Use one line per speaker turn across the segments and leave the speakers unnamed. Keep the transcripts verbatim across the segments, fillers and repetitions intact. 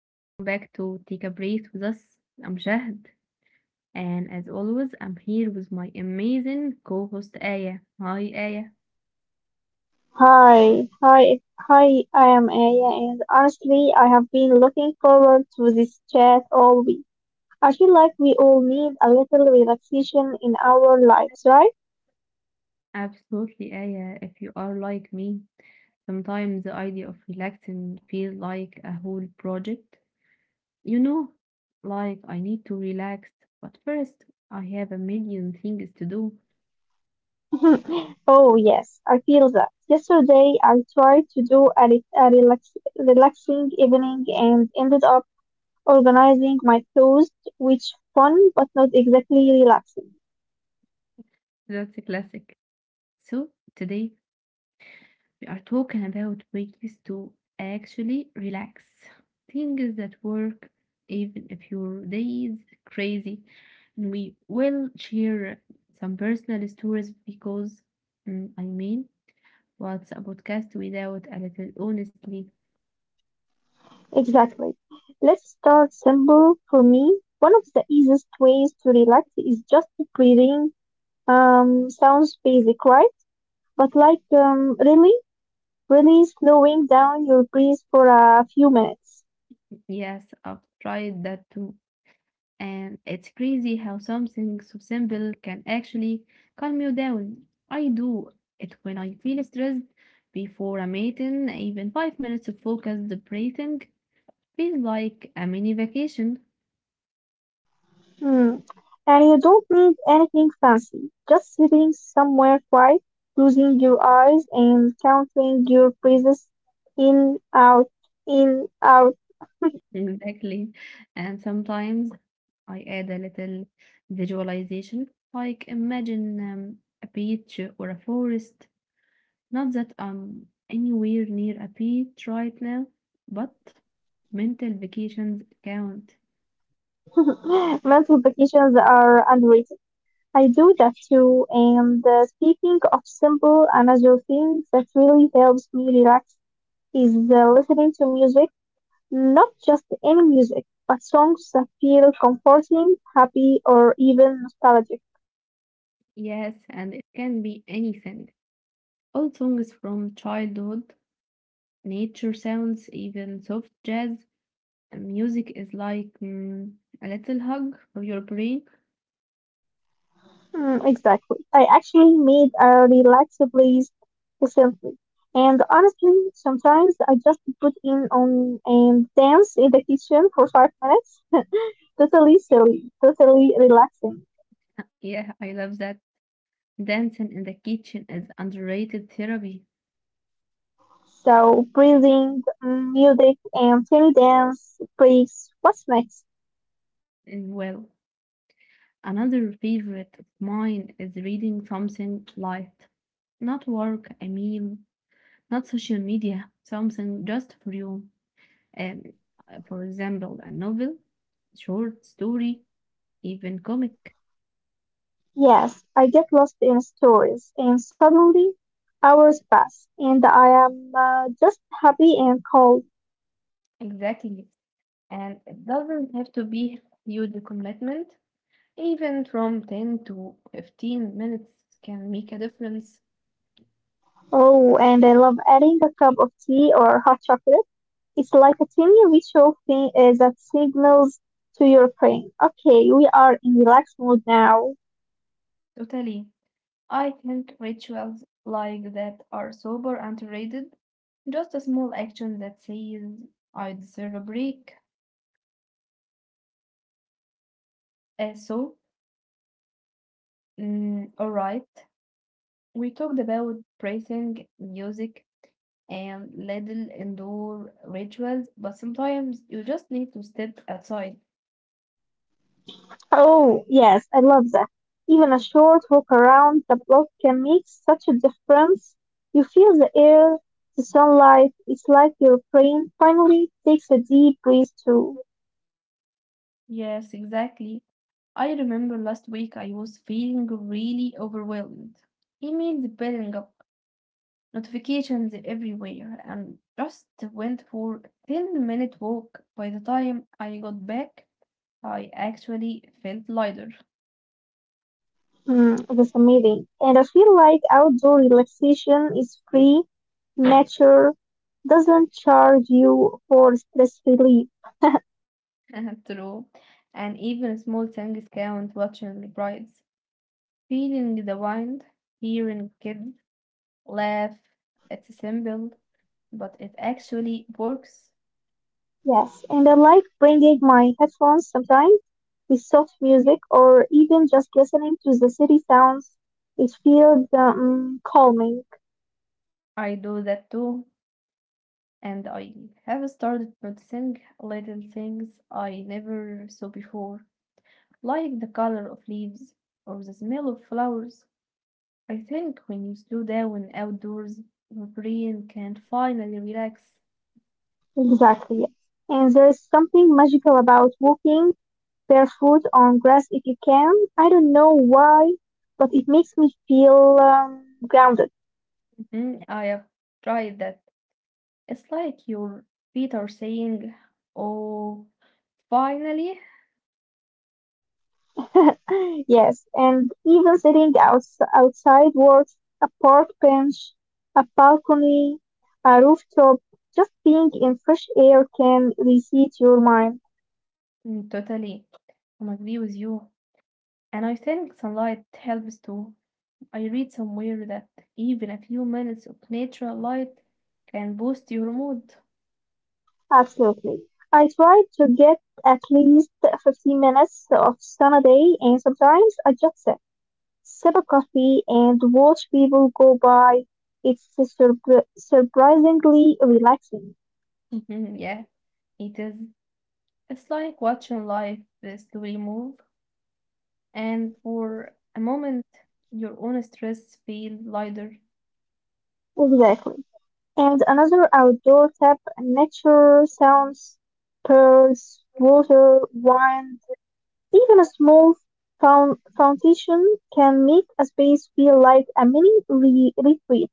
welcome back to Take a Breath with us. I'm Shahd, and as always, I'm here with my amazing co host Aya. Hi, Aya.
Hi, hi, hi, I am Aya, and honestly, I have been looking forward to this chat all week. I feel like we all need a little relaxation in our lives, right?
Absolutely, Aya. If you are like me, sometimes the idea of relaxing feels like a whole project. You know, like I need to relax, but first, I have a million things to do.
Oh, yes, I feel that. Yesterday, I tried to do a, re- a relax- relaxing evening and ended up organizing my clothes, which fun but not exactly relaxing.
That's a classic. So today we are talking about ways to actually relax. Things that work even if your day is crazy. And we will share some personal stories because mm, I mean, what's a podcast without a little honestly.
Exactly. Let's start simple. For me, one of the easiest ways to relax is just breathing. Um, sounds basic, right? But like, um, really, really slowing down your breath for a few minutes.
Yes, I've tried that too. And it's crazy how something so simple can actually calm you down. I do it when I feel stressed before a meeting, even five minutes of focused breathing feels like a mini vacation.
Hmm. And you don't need anything fancy. Just sitting somewhere quiet, closing your eyes and counting your breaths in, out, in, out.
Exactly. And sometimes I add a little visualization, like imagine um, a beach or a forest. Not that I'm anywhere near a beach right now, but mental vacations count.
Mental vacations are underrated. I do that too. And uh, speaking of simple, another thing that really helps me relax is uh, listening to music, not just any music, but songs that feel comforting, happy, or even nostalgic.
Yes, and it can be anything. Old songs from childhood, nature sounds, even soft jazz. And music is like mm, a little hug for your brain.
Mm, exactly. I actually made a relaxed playlist recently. And honestly, sometimes I just put in on and dance in the kitchen for five minutes. Totally silly, totally relaxing.
Yeah, I love that. Dancing in the kitchen is underrated therapy
So breathing, mm, music, and fairy dance please, what's next?
as well. Another favorite of mine is reading something light. Not work, I mean, not social media, something just for you. Um, uh, for example, a novel, short story, even comic.
Yes, I get lost in stories, and suddenly hours pass, and I am uh, just happy and cold.
Exactly. And it doesn't have to be huge commitment. Even from ten to fifteen minutes can make a difference.
Oh, and I love adding a cup of tea or hot chocolate. It's like a tiny ritual thing uh, that signals to your brain, okay, we are in relaxed mode now.
Totally. I think rituals like that are super underrated. Just a small action that says, I deserve a break. Uh, so, mm, alright, we talked about praising music and little indoor rituals, but sometimes you just need to step outside.
Oh, yes, I love that. Even a short walk around the block can make such a difference. You feel the air, the sunlight. It's like your brain finally takes a deep breath too.
Yes, exactly. I remember last week I was feeling really overwhelmed. Emails piling up, notifications everywhere, and just went for a ten minute walk. By the time I got back, I actually felt lighter.
Mm, that's amazing. And I feel like outdoor relaxation is free. Nature doesn't charge you for stress relief.
True. And even small things count, watching brides, feeling the wind, hearing kids laugh. It's simple, but it actually works.
Yes, and I like bringing my headphones sometimes with soft music or even just listening to the city sounds. It feels um, calming.
I do that too, and I have started noticing little things I never saw before, like the color of leaves or the smell of flowers. I think when you slow down outdoors, your brain can finally relax.
Exactly, yes. And there's something magical about walking barefoot on grass if you can. I don't know why, but it makes me feel um, grounded.
Mhm, I have tried that. It's like your feet are saying, oh, finally.
Yes, and even sitting outs outside works, a park bench, a balcony, a rooftop, just being in fresh air can reset your mind.
Mm. Totally. I agree with you. And I think sunlight helps too. I read somewhere that even a few minutes of natural light can boost your mood.
Absolutely. I try to get at least fifteen minutes of sun a day, and sometimes I just sit, sip a coffee, and watch people go by. It's surpri surprisingly relaxing.
Mhm, yeah, it is. It's like watching life slowly move, and for a moment, your own stress feels lighter.
Exactly. And another outdoor tap, nature, sounds, birds, water, wind, even a small foun- fountain can make a space feel like a mini re- retreat.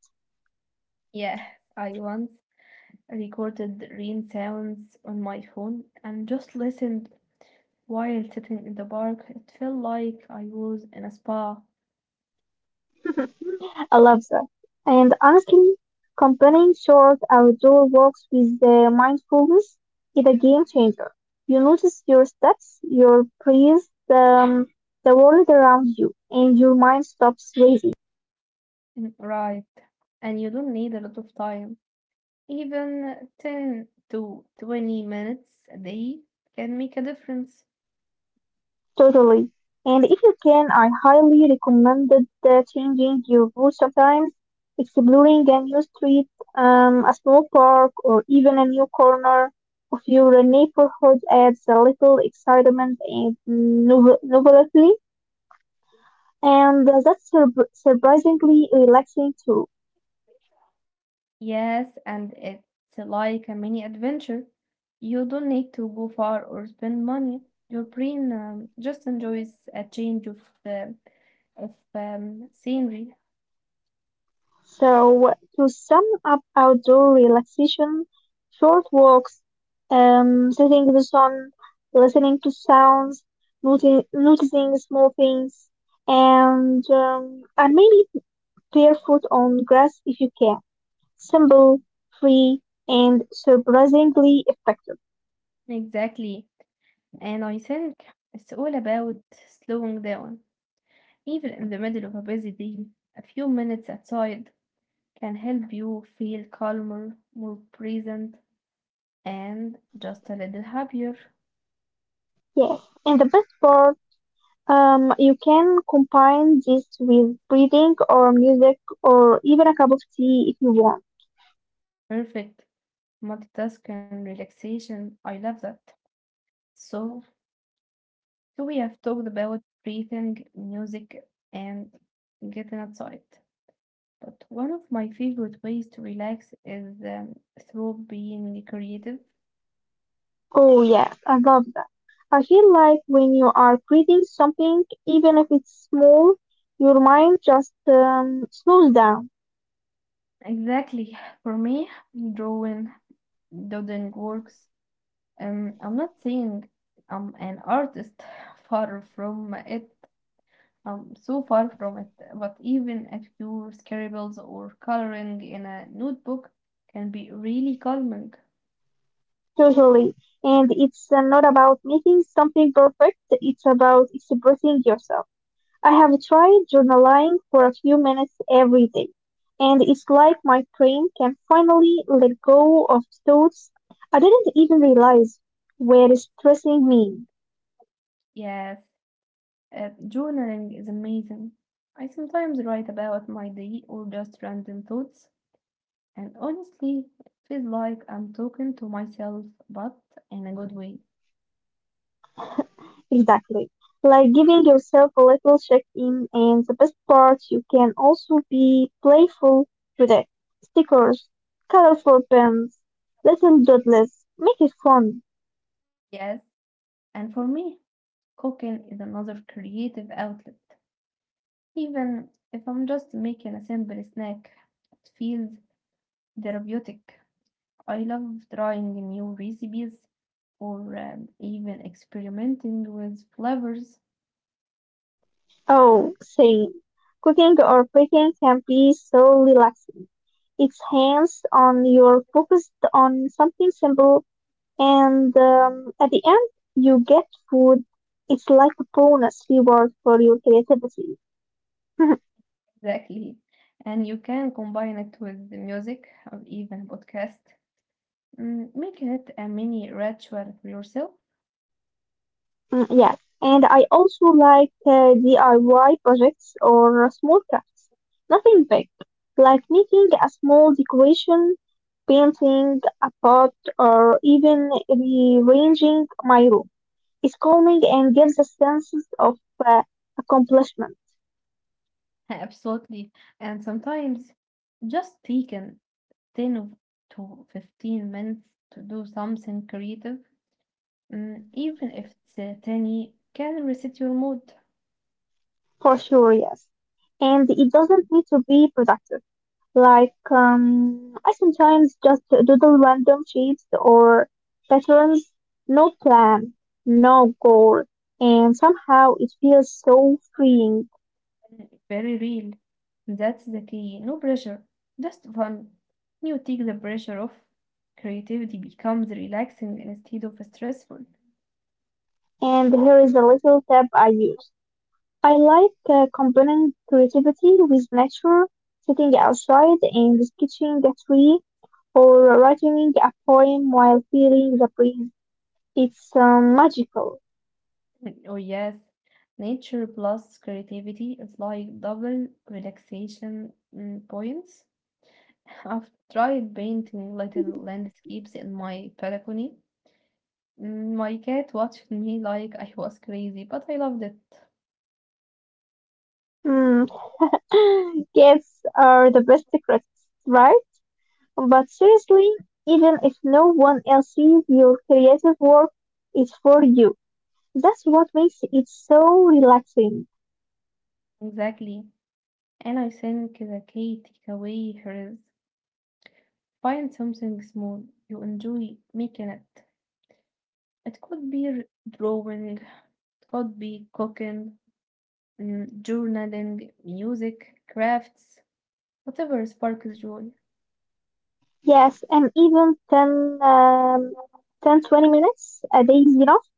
Yeah, I once recorded rain sounds on my phone and just listened while sitting in the park. It felt like I was in a spa.
I love that. And honestly, combining short outdoor walks with the mindfulness is a game changer. You notice your steps, your breath, um, the world around you, and your mind stops racing.
Mm. Right. And you don't need a lot of time. Even ten to twenty minutes a day can make a difference.
Totally. And if you can, I highly recommend that, uh, changing your route sometimes, exploring a new street, um, a small park, or even a new corner of your neighborhood adds a little excitement and novel- novelty, and uh, that's sur- surprisingly relaxing too.
Yes, and it's like a mini adventure. You don't need to go far or spend money. Your brain um, just enjoys a change of uh, of um, scenery.
So, to sum up outdoor relaxation, short walks, um, sitting in the sun, listening to sounds, noti- noticing small things, and, um, and maybe barefoot on grass if you can. Simple, free, and surprisingly effective.
Exactly. And I think it's all about slowing down. Even in the middle of a busy day, a few minutes outside can help you feel calmer, more present, and just a little happier.
Yes. And the best part, um, you can combine this with breathing or music or even a cup of tea if you want.
Perfect. Multitasking relaxation. I love that. So, so we have talked about breathing, music, and getting outside. But one of my favorite ways to relax is um, through being creative.
Oh, yes, I love I feel like when you are creating something, even if it's small, your mind just um, slows down
Exactly. For me, drawing, doodling works. Um, I'm not saying I'm an artist, far from it. I'm so far from it, but even a few scribbles or coloring in a notebook can be really calming.
totally. And it's uh, not about making something perfect, it's about expressing yourself. I have tried journaling for a few minutes every day, and it's like my brain can finally let go of thoughts I didn't even realize were stressing me.
Yes, uh, journaling is amazing. I sometimes write about my day or just random thoughts, and honestly, it feels like I'm talking to myself, but in a good way.
Exactly. Like giving yourself a little check-in, and the best part, you can also be playful with it. Stickers, colorful pens, little doodles. Make it fun.
Yes, and for me, cooking is another creative outlet. Even if I'm just making a simple snack, it feels therapeutic. I love trying new recipes or um, even experimenting with flavors.
Oh, same. Cooking or baking can be so relaxing. It's hands-on. You're focused on something simple, and um, at the end, you get food. It's like a bonus reward for your creativity.
Exactly. And you can combine it with the music or even podcast. Mm, make it a mini ritual for yourself.
Mm, yes, and I also like uh, D I Y projects or small crafts. Nothing big, like making a small decoration, painting a pot, or even rearranging my room. It's calming and gives a sense of uh, accomplishment,
Absolutely. And sometimes just taking ten of- to fifteen minutes to do something creative, mm, even if it's uh, tiny, can reset your mood.
for sure, yes. And it doesn't need to be productive. Like, um, I sometimes just doodle random shapes or patterns, no plan, no goal, and somehow it feels so freeing.
Mm. Very real. That's the key. No pressure, just fun. You take the pressure off. Creativity becomes relaxing instead of stressful.
And here is a little tip I use. I like uh, combining creativity with nature, sitting outside and sketching a tree or writing a poem while feeling the breeze. It's um, magical.
Mm. Oh, yes. Nature plus creativity is like double relaxation mm, points. I've tried painting little landscapes in my balcony. Mm, My cat watched me like I was crazy, but I loved it.
Mm. Cats are the best critics, right? But seriously, even if no one else sees your creative work, it's for you. That's what makes it so relaxing.
Exactly. And I think the key takeaway here is: find something small you enjoy making it. It could be r- drawing, it could be cooking, mm, journaling, music, crafts, whatever sparks joy.
Yes, and even ten, um, ten twenty minutes a day is enough.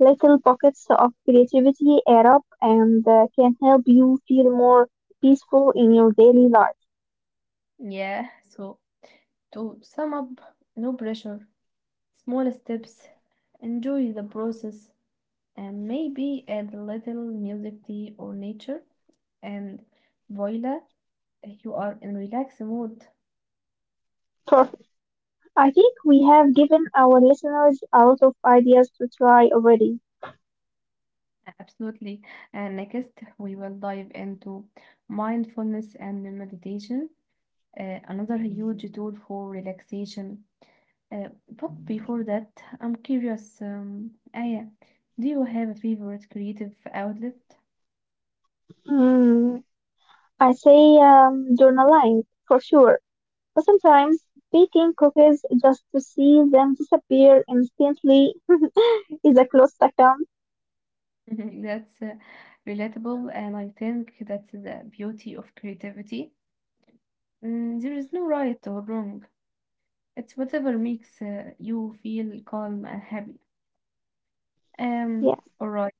Little pockets of creativity add up and uh, can help you feel more peaceful in your daily life.
Yeah, so to sum up, no pressure, small steps, enjoy the process, and maybe add a little music, tea, or nature, and voila, you are in relaxed mood.
Perfect. I think we have given our listeners a lot of ideas to try already.
Absolutely. And next, we will dive into mindfulness and meditation, uh, another huge tool for relaxation. Uh, but before that, I'm curious, um, Aya, do you have a favorite creative outlet?
Hmm. I say um, journaling for sure. But sometimes baking cookies just to see them disappear instantly is a close second.
That's uh, relatable, and I think that's the beauty of creativity. Mm, there is no right or wrong. It's whatever makes uh, you feel calm and happy. Um,
Yes.
all right,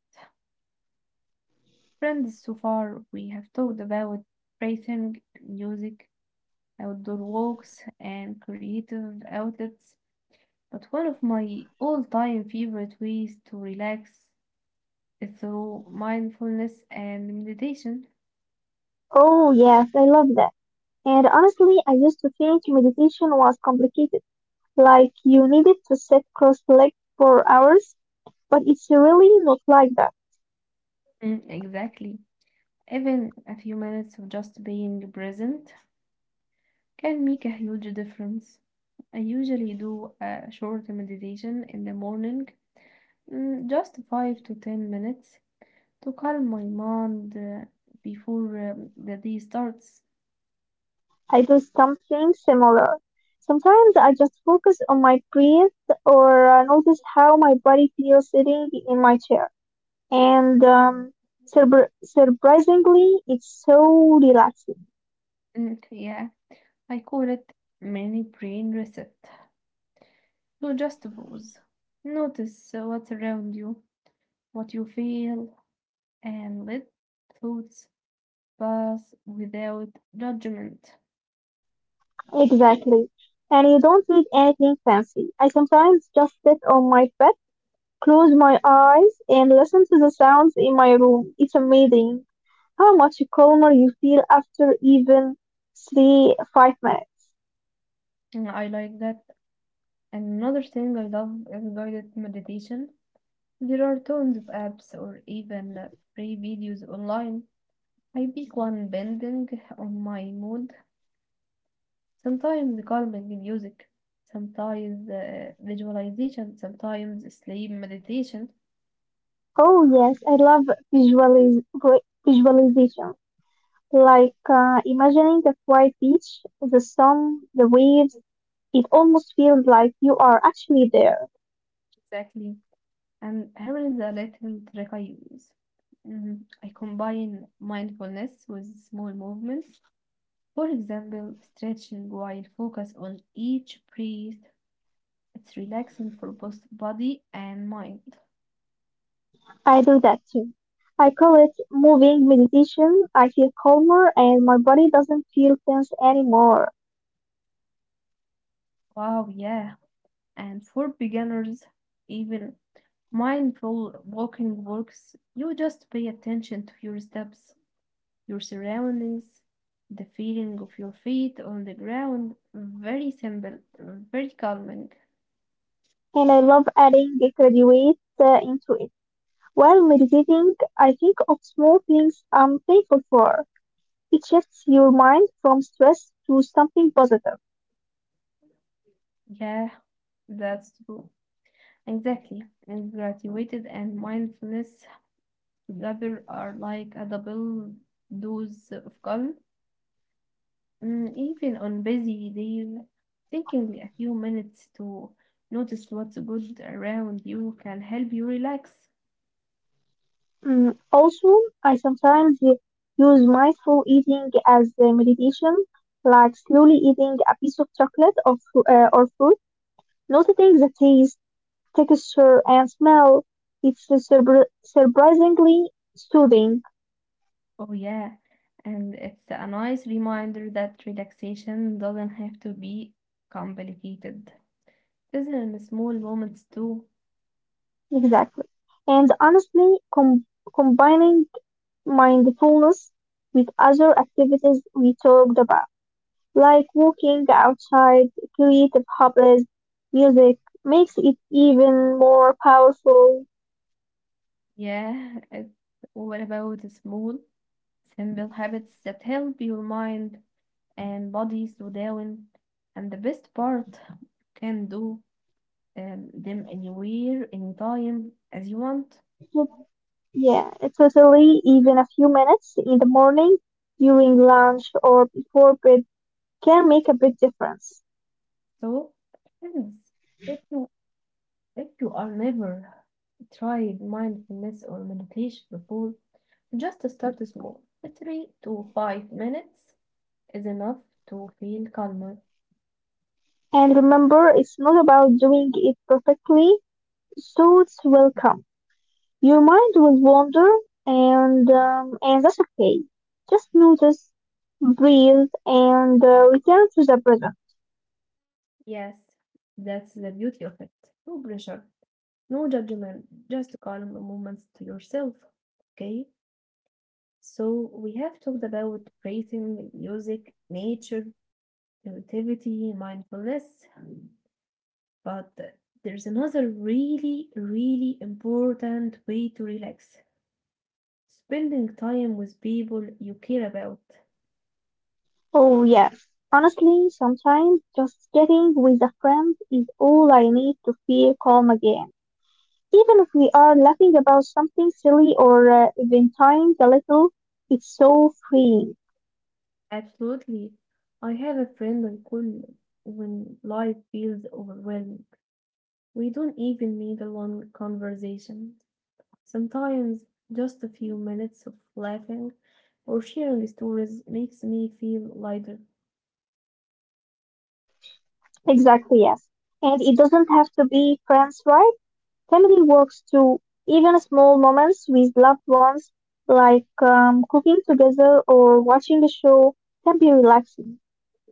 friends, so far, we have talked about writing, music, outdoor walks, and creative outlets. But one of my all time favorite ways to relax is through mindfulness and meditation.
Oh, yes, I love that. And honestly, I used to think meditation was complicated, like you needed to sit cross-legged for hours, but it's really not like that.
Mm, exactly. Even a few minutes of just being present can make a huge difference. I usually do a short meditation in the morning, mm, just five to ten minutes to calm my mind uh, before uh, the day starts.
I do something similar. Sometimes I just focus on my breath or uh, notice how my body feels sitting in my chair. and um, surpri- surprisingly, it's so relaxing.
Mm, yeah, I call it mini brain reset. So just pause, notice uh, what's around you, what you feel, and let thoughts pass without judgment.
Exactly. And you don't need anything fancy. I sometimes just sit on my bed, close my eyes, and listen to the sounds in my room. It's amazing how much calmer you feel after even three, five minutes.
And I like that. Another thing I love is guided meditation. There are tons of apps or even uh, free videos online. I pick one bending on my mood. Sometimes calming music, sometimes uh, visualization, sometimes sleep meditation.
Oh yes, I love visualiz- visualization. Like uh, imagining the quiet beach, the sun, the waves, it almost feels like you are actually there.
Exactly. And here is a little trick I use. Mhm. I combine mindfulness with small movements. For example, stretching while focus on each breath. It's relaxing for both body and mind.
I do that too. I call it moving meditation. I feel calmer and my body doesn't feel tense anymore.
Wow, yeah. And for beginners, even mindful walking works. You just pay attention to your steps, your surroundings, the feeling of your feet on the ground. Very simple, very calming.
And I love adding a graduate uh, into it. While meditating, I think of small things I'm thankful for. It shifts your mind from stress to something positive.
Yeah, that's true. Exactly. And gratitude and mindfulness together are like a double dose of calm. Mm, even on busy days, taking a few minutes to notice what's good around you can help you relax.
Mm, also, I sometimes u- use mindful eating as a meditation, like slowly eating a piece of chocolate or, fru- uh, or fruit, noticing the taste, texture, and smell. It's a surpri- surprisingly soothing,
Oh, yeah. And it's a nice reminder that relaxation doesn't have to be complicated. Doesn't small moments too?
exactly. And honestly, com- combining mindfulness with other activities we talked about. Like walking outside creative hobbies, music makes it even more powerful.
Yeah, it's all about small, simple habits that help your mind and body slow down. And the best part, you can do um, them anywhere, anytime, as you want.
It- Yeah, it's totally even a few minutes in the morning, during lunch, or before bed can make a big difference.
So, friends, if you if you are never tried mindfulness or meditation before, just start small. Three to five minutes is enough to feel calmer.
And remember, it's not about doing it perfectly, thoughts will come. Your mind will wander, and um, and that's okay. Just notice, breathe, and uh, return to the present.
Yes, that's the beauty of it. No pressure, no judgment, just calm moments to yourself. Okay, so we have talked about breathing, music, nature, creativity, mindfulness. But there's another really, really important way to relax, spending time with people you care about.
Oh, yes. Honestly, sometimes just getting with a friend is all I need to feel calm again. Even if we are laughing about something silly or uh, venting a little, it's so freeing.
Absolutely. I have a friend I call when life feels overwhelming. We don't even need a long conversation. Sometimes just a few minutes of laughing or sharing stories makes me feel lighter.
Exactly, yes. And it doesn't have to be friends, right? Family works too. Even small moments with loved ones, like um, cooking together or watching a show, can be relaxing.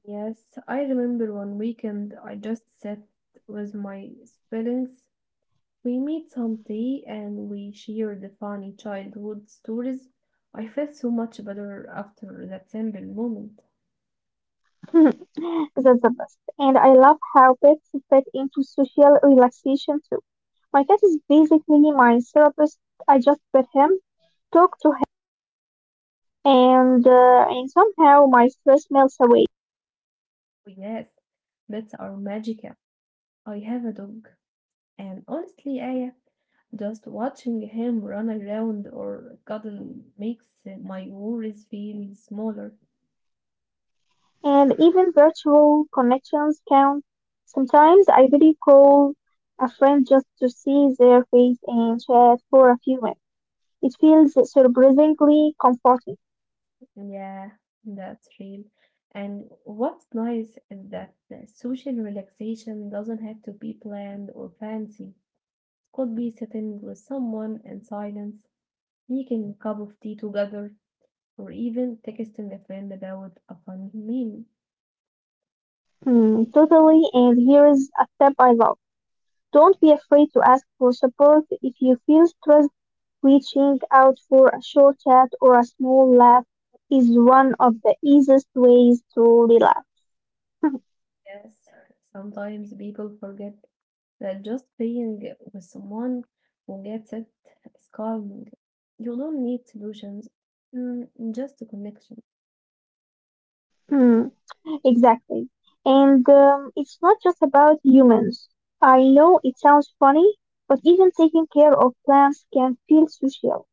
Yes, I remember one weekend I just sat with my siblings. We made some tea and we shared the funny childhood stories. I felt so much better after that simple moment.
That's the best. And I love how pets fit into social relaxation too. My cat is basically my therapist. I just pet him, talk to him, and uh, and somehow my stress melts away.
Oh, yes, that's our magical. I have a dog, and honestly, Aya, just watching him run around or cuddle makes my worries feel smaller.
And even virtual connections count. Sometimes I really call a friend just to see their face and chat for a few minutes. It feels surprisingly comforting.
Yeah, that's real. And what's nice is that the social relaxation doesn't have to be planned or fancy. It could be sitting with someone in silence, making a cup of tea together, or even texting a friend about a funny meme.
Hmm, totally. And here is a step I love. Don't be afraid to ask for support if you feel stressed. Reaching out for a short chat or a small laugh is one of the easiest ways to relax.
Yes, sometimes people forget that just being with someone who gets it is calming. You don't need solutions, mm, just a connection.
Hmm, exactly. And um, it's not just about humans. I know it sounds funny, but even taking care of plants can feel social.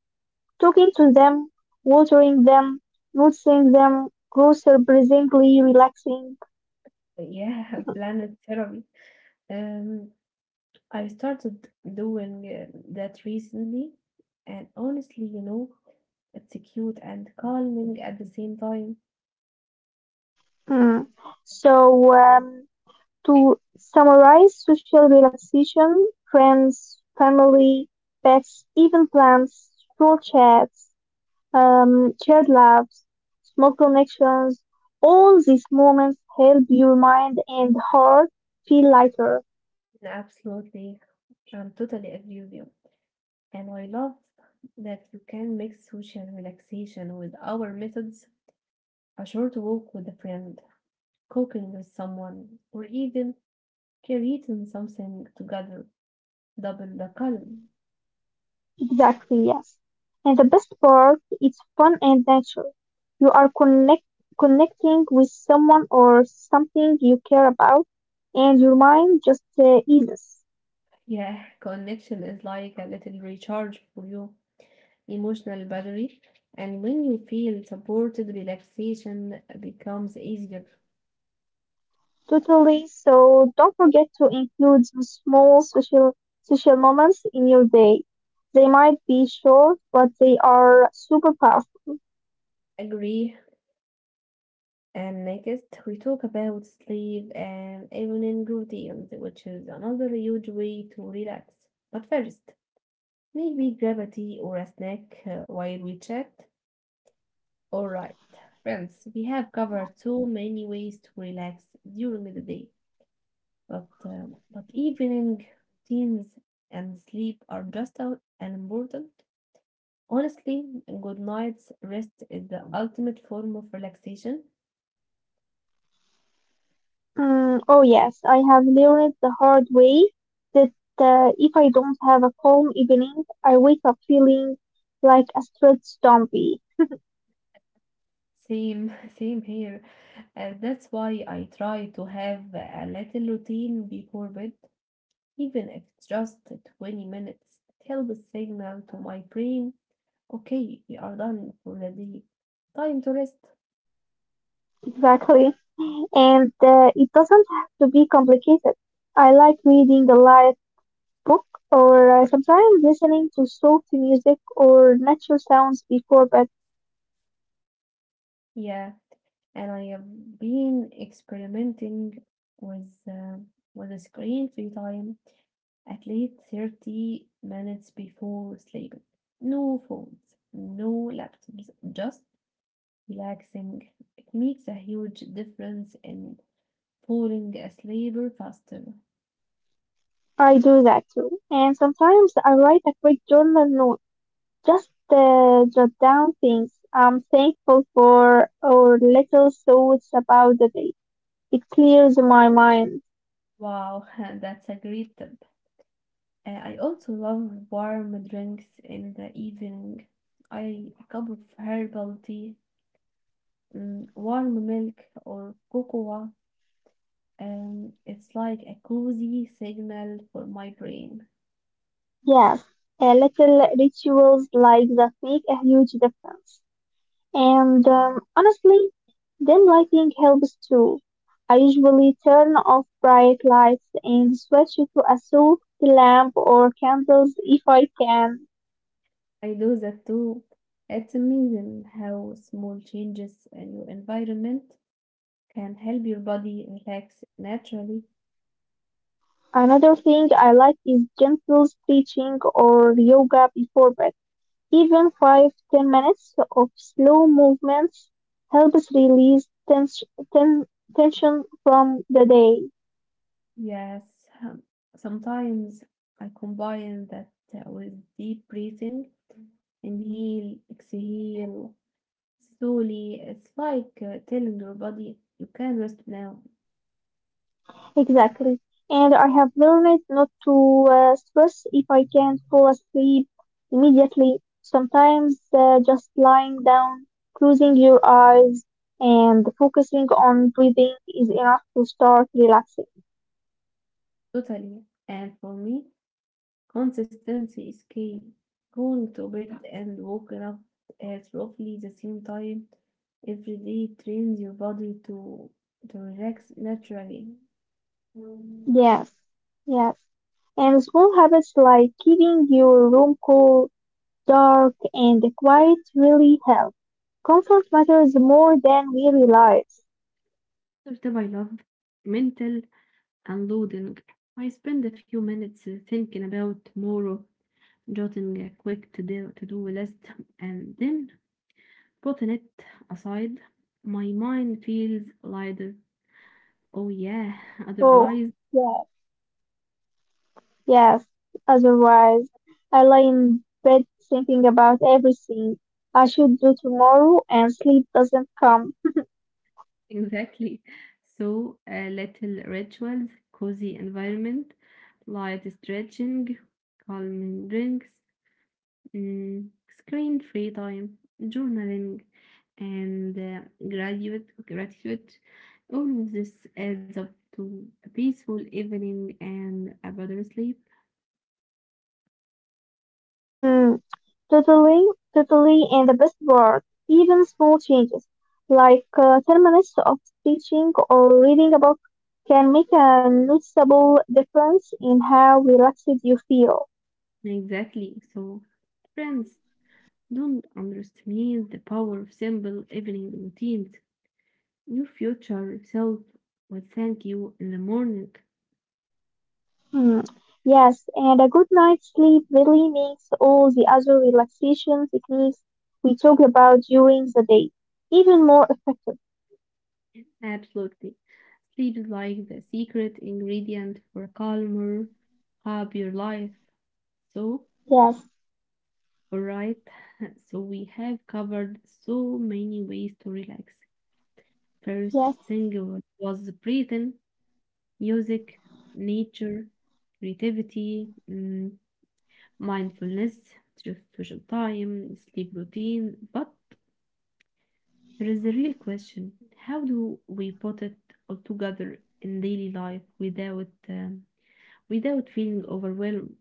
Talking to them, watering them, noticing them grow surprisingly relaxing.
Yeah, planet therapy. Um, I started doing uh, that recently, and honestly, you know, it's cute and calming at the same time.
Hmm. So, um, To summarize, social relaxation, friends, family, pets, even plants, stroll chats, um, shared laughs, small connections, all these moments help your mind and heart feel lighter.
Absolutely, I'm totally agree with you. And I love that you can mix social relaxation with our methods, a short walk with a friend, cooking with someone, or even creating something together. Double the calm.
Exactly, yes. And the best part, it's fun and natural. You are connect, connecting with someone or something you care about, and your mind just uh, eases.
Yeah, connection is like a little recharge for you. Emotional battery. And when you feel supported, relaxation becomes easier.
Totally. So don't forget to include some small social social moments in your day. They might be short, but they are super powerful.
Agree. And next, we talk about sleep and evening routines, which is another huge way to relax. But first, maybe grab a tea or a snack uh, while we chat. All right, friends, we have covered so many ways to relax during the day, but uh, but evening routines and sleep are just as important. Honestly, a good night's rest is the ultimate form of relaxation.
Mm, oh yes, I have learned the hard way that uh, if I don't have a calm evening, I wake up feeling like a stressed zombie.
Same, same here. And that's why I try to have a little routine before bed, even if it's just twenty minutes. It helps signal to my brain, okay, we are done for the day. Time to rest.
Exactly. And uh, it doesn't have to be complicated. I like reading a light book or uh, sometimes listening to soft music or natural sounds before bed.
Yeah, and I have been experimenting with uh, with a screen free time at least thirty minutes before sleeping. No phones, no laptops, just relaxing. It makes a huge difference in falling asleep faster.
I do that too. And sometimes I write a quick journal note, just uh, jot down things I'm thankful for or little thoughts about the day. It clears my mind.
Wow, that's a great tip. Uh, I also love warm drinks in the evening. I a cup of herbal tea, mm, warm milk or cocoa. Um, it's like a cozy signal for my brain.
Yes, uh, little rituals like that make a huge difference. And um, honestly, dim lighting helps too. I usually turn off bright lights and switch to a soft lamp or candles if I can.
I do that too. It's amazing how small changes in your environment can help your body relax naturally.
Another thing I like is gentle stretching or yoga before bed. Even five ten minutes of slow movements helps release tens- ten- tension from the day.
Yes, um, sometimes I combine that uh, with deep breathing, inhale, exhale slowly. It's like uh, telling your body you can rest now.
Exactly. And I have learned not to uh, stress if I can't fall asleep immediately. Sometimes uh, just lying down, closing your eyes, and focusing on breathing is enough to start relaxing.
Totally. And for me, consistency is key. Going to bed and waking up at roughly the same time every day trains your body to to relax naturally.
Yes, yes. And small habits like keeping your room cool, dark, and quiet really help. Comfort matters more than we realize.
After my love, mental unloading, I spend a few minutes uh, thinking about tomorrow, jotting a quick to do to do list, and then putting it aside. My mind feels lighter. Oh, yeah,
Oh,
otherwise,
yeah. Yes, otherwise I lie in bed thinking about everything I should do tomorrow and sleep doesn't come.
exactly. So, uh, little rituals, cozy environment, light stretching, calming drinks, mm, screen free time, journaling, and uh, graduate gratitude. All of this adds up to a peaceful evening and a better sleep.
Mm, totally, totally, and the best part, even small changes, like uh, ten minutes of teaching or reading a book, can make a noticeable difference in how relaxed you feel.
Exactly. So, friends, don't underestimate the power of simple evening routines. Your future self will thank you in the morning.
Hmm. Yes, and a good night's sleep really makes all the other relaxation techniques we talk about during the day even more effective.
Absolutely. Sleep is like the secret ingredient for calmer, happier life. So,
Yes,
alright, so we have covered so many ways to relax. First
yes,
thing was breathing, music, nature, creativity, mm, mindfulness, just social time, sleep routine. But there is a real question how do we put it all together in daily life without um, without feeling overwhelmed.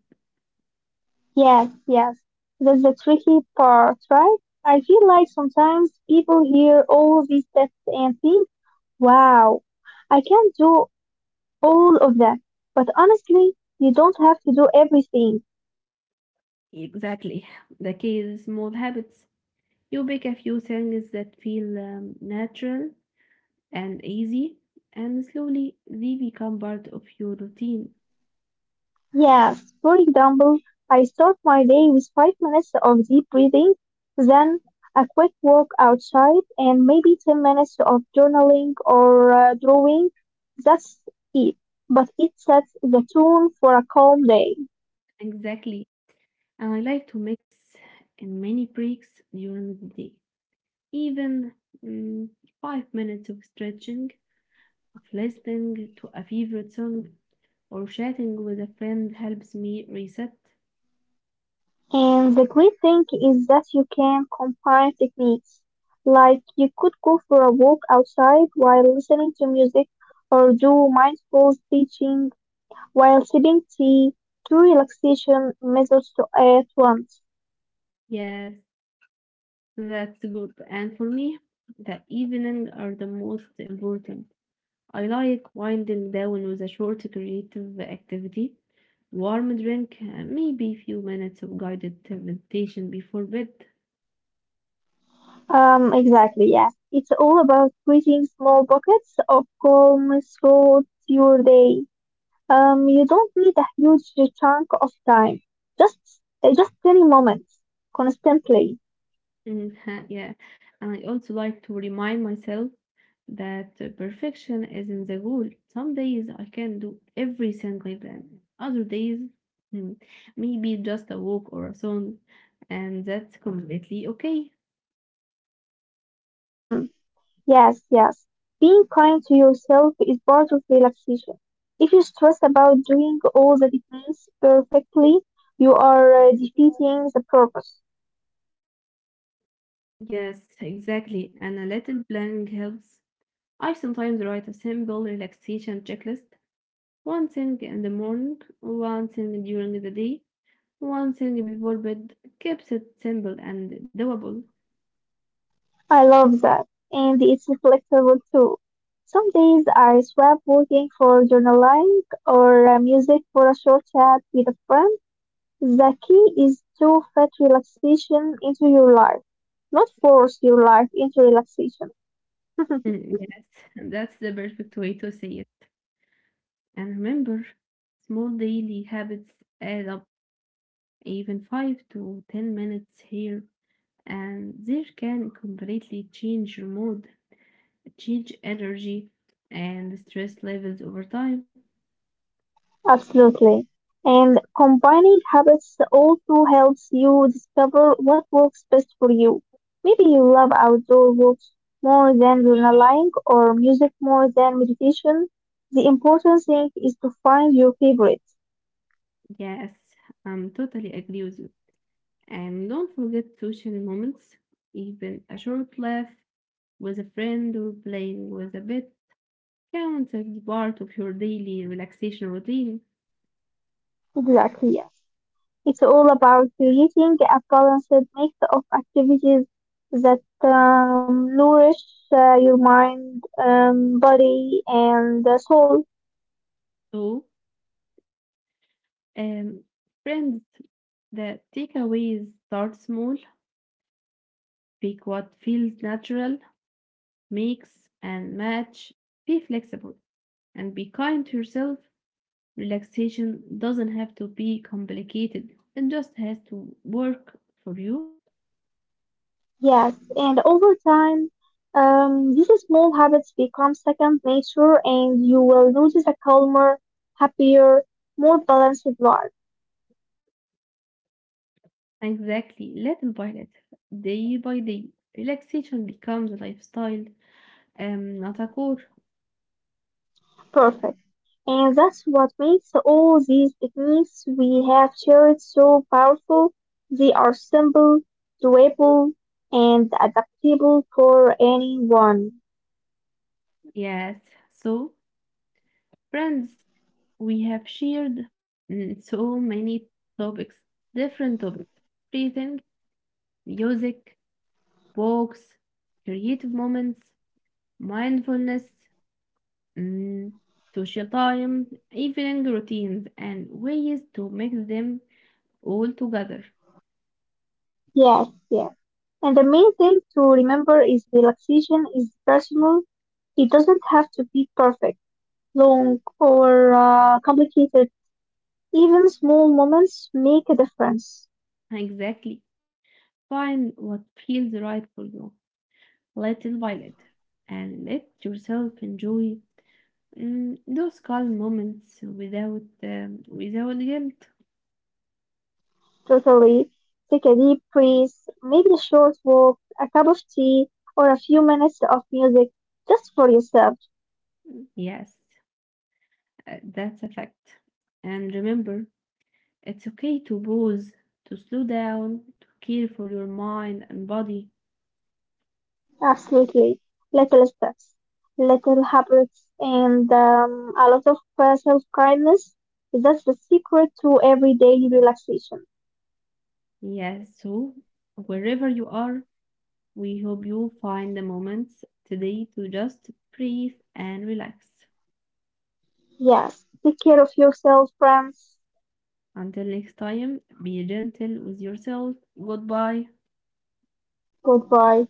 yes, yes. That's the tricky part, right? I feel like sometimes people hear all these steps and think, wow, I can do all of that. But honestly, you don't have to do everything.
Exactly. The key is small habits. You pick a few things that feel um, natural and easy, and slowly they become part of your routine.
Yes, for example, I start my day with five minutes of deep breathing, then a quick walk outside, and maybe ten minutes of journaling or uh, drawing. That's it. But it sets the tone for a calm day.
Exactly. And I like to mix in many breaks during the day. Even mm, five minutes of stretching, of listening to a favorite song, or chatting with a friend helps me reset.
And the great thing is that you can combine techniques. Like you could go for a walk outside while listening to music or do mindful teaching while sipping tea, two relaxation methods to at once.
Yes, that's good. And for me, the evening are the most important. I like winding down with a short creative activity, warm drink, and maybe a few minutes of guided meditation before bed.
Um, exactly, yeah. It's all about creating small pockets of calm throughout your day. Um, you don't need a huge chunk of time. Just, uh, just tiny moments, constantly.
Mhm, yeah, and I also like to remind myself that uh, perfection isn't the goal. Some days I can do everything I plan. Other days, mm, maybe just a walk or a song, and that's completely okay.
Mm, yes, yes. Being kind to yourself is part of relaxation. If you stress about doing all the techniques perfectly, you are uh, defeating the purpose.
Yes, exactly. And a little planning helps. I sometimes write a simple relaxation checklist. One thing in the morning, one thing during the day, one thing before bed. Keeps it simple and doable.
I love that. And it's flexible too. Some days I swap working for journaling or uh, music for a short chat with a friend. The key is to fit relaxation into your life, not force your life into relaxation.
Mm, yes, that's the perfect way to say it. And remember, small daily habits add up even five to ten minutes here, and there can completely change your mood, change energy, and stress levels over time.
Absolutely. And combining habits also helps you discover what works best for you. Maybe you love outdoor walks more than journaling or music more than meditation. The important thing is to find your favorites.
Yes, I'm totally agree with you. And don't forget social moments, even a short laugh with a friend or playing with a pet counts as part of your daily relaxation routine.
Exactly, yeah. It's all about creating a balanced mix of activities that um, nourish uh, your mind, um, body, and soul.
So, Um, friends, the takeaways start small, pick what feels natural, mix and match, be flexible, and be kind to yourself. Relaxation doesn't have to be complicated, it just has to work for you.
Yes, and over time, um, these small habits become second nature, and you will notice a calmer, happier, more balanced life.
Exactly, little by little, day by day, relaxation becomes a lifestyle, um, not a core.
Perfect. And that's what makes all these techniques we have shared so powerful. They are simple, doable, and adaptable for anyone.
Yes, so friends, we have shared mm, so many topics, different topics breathing, music, books, creative moments, mindfulness, mm, social time, evening routines, and ways to mix them all together.
Yes, yes. And the main thing to remember is relaxation is personal. It doesn't have to be perfect. Long or uh, complicated, even small moments make a difference.
Exactly. Find what feels right for you, little by little, and let yourself enjoy mm, those calm moments without um, without guilt.
Totally. Take a deep breath, maybe a short walk, a cup of tea, or a few minutes of music just for yourself.
Yes. Uh, that's a fact. And remember, it's okay to pause, to slow down, to care for your mind and body.
Absolutely. Little steps, little habits, and um, a lot of uh, self kindness. That's the secret to everyday relaxation.
Yes, so wherever you are, we hope you find the moments today to just breathe and relax.
Yes. Take care of yourself, friends.
Until next time, be gentle with yourself. Goodbye.
Goodbye.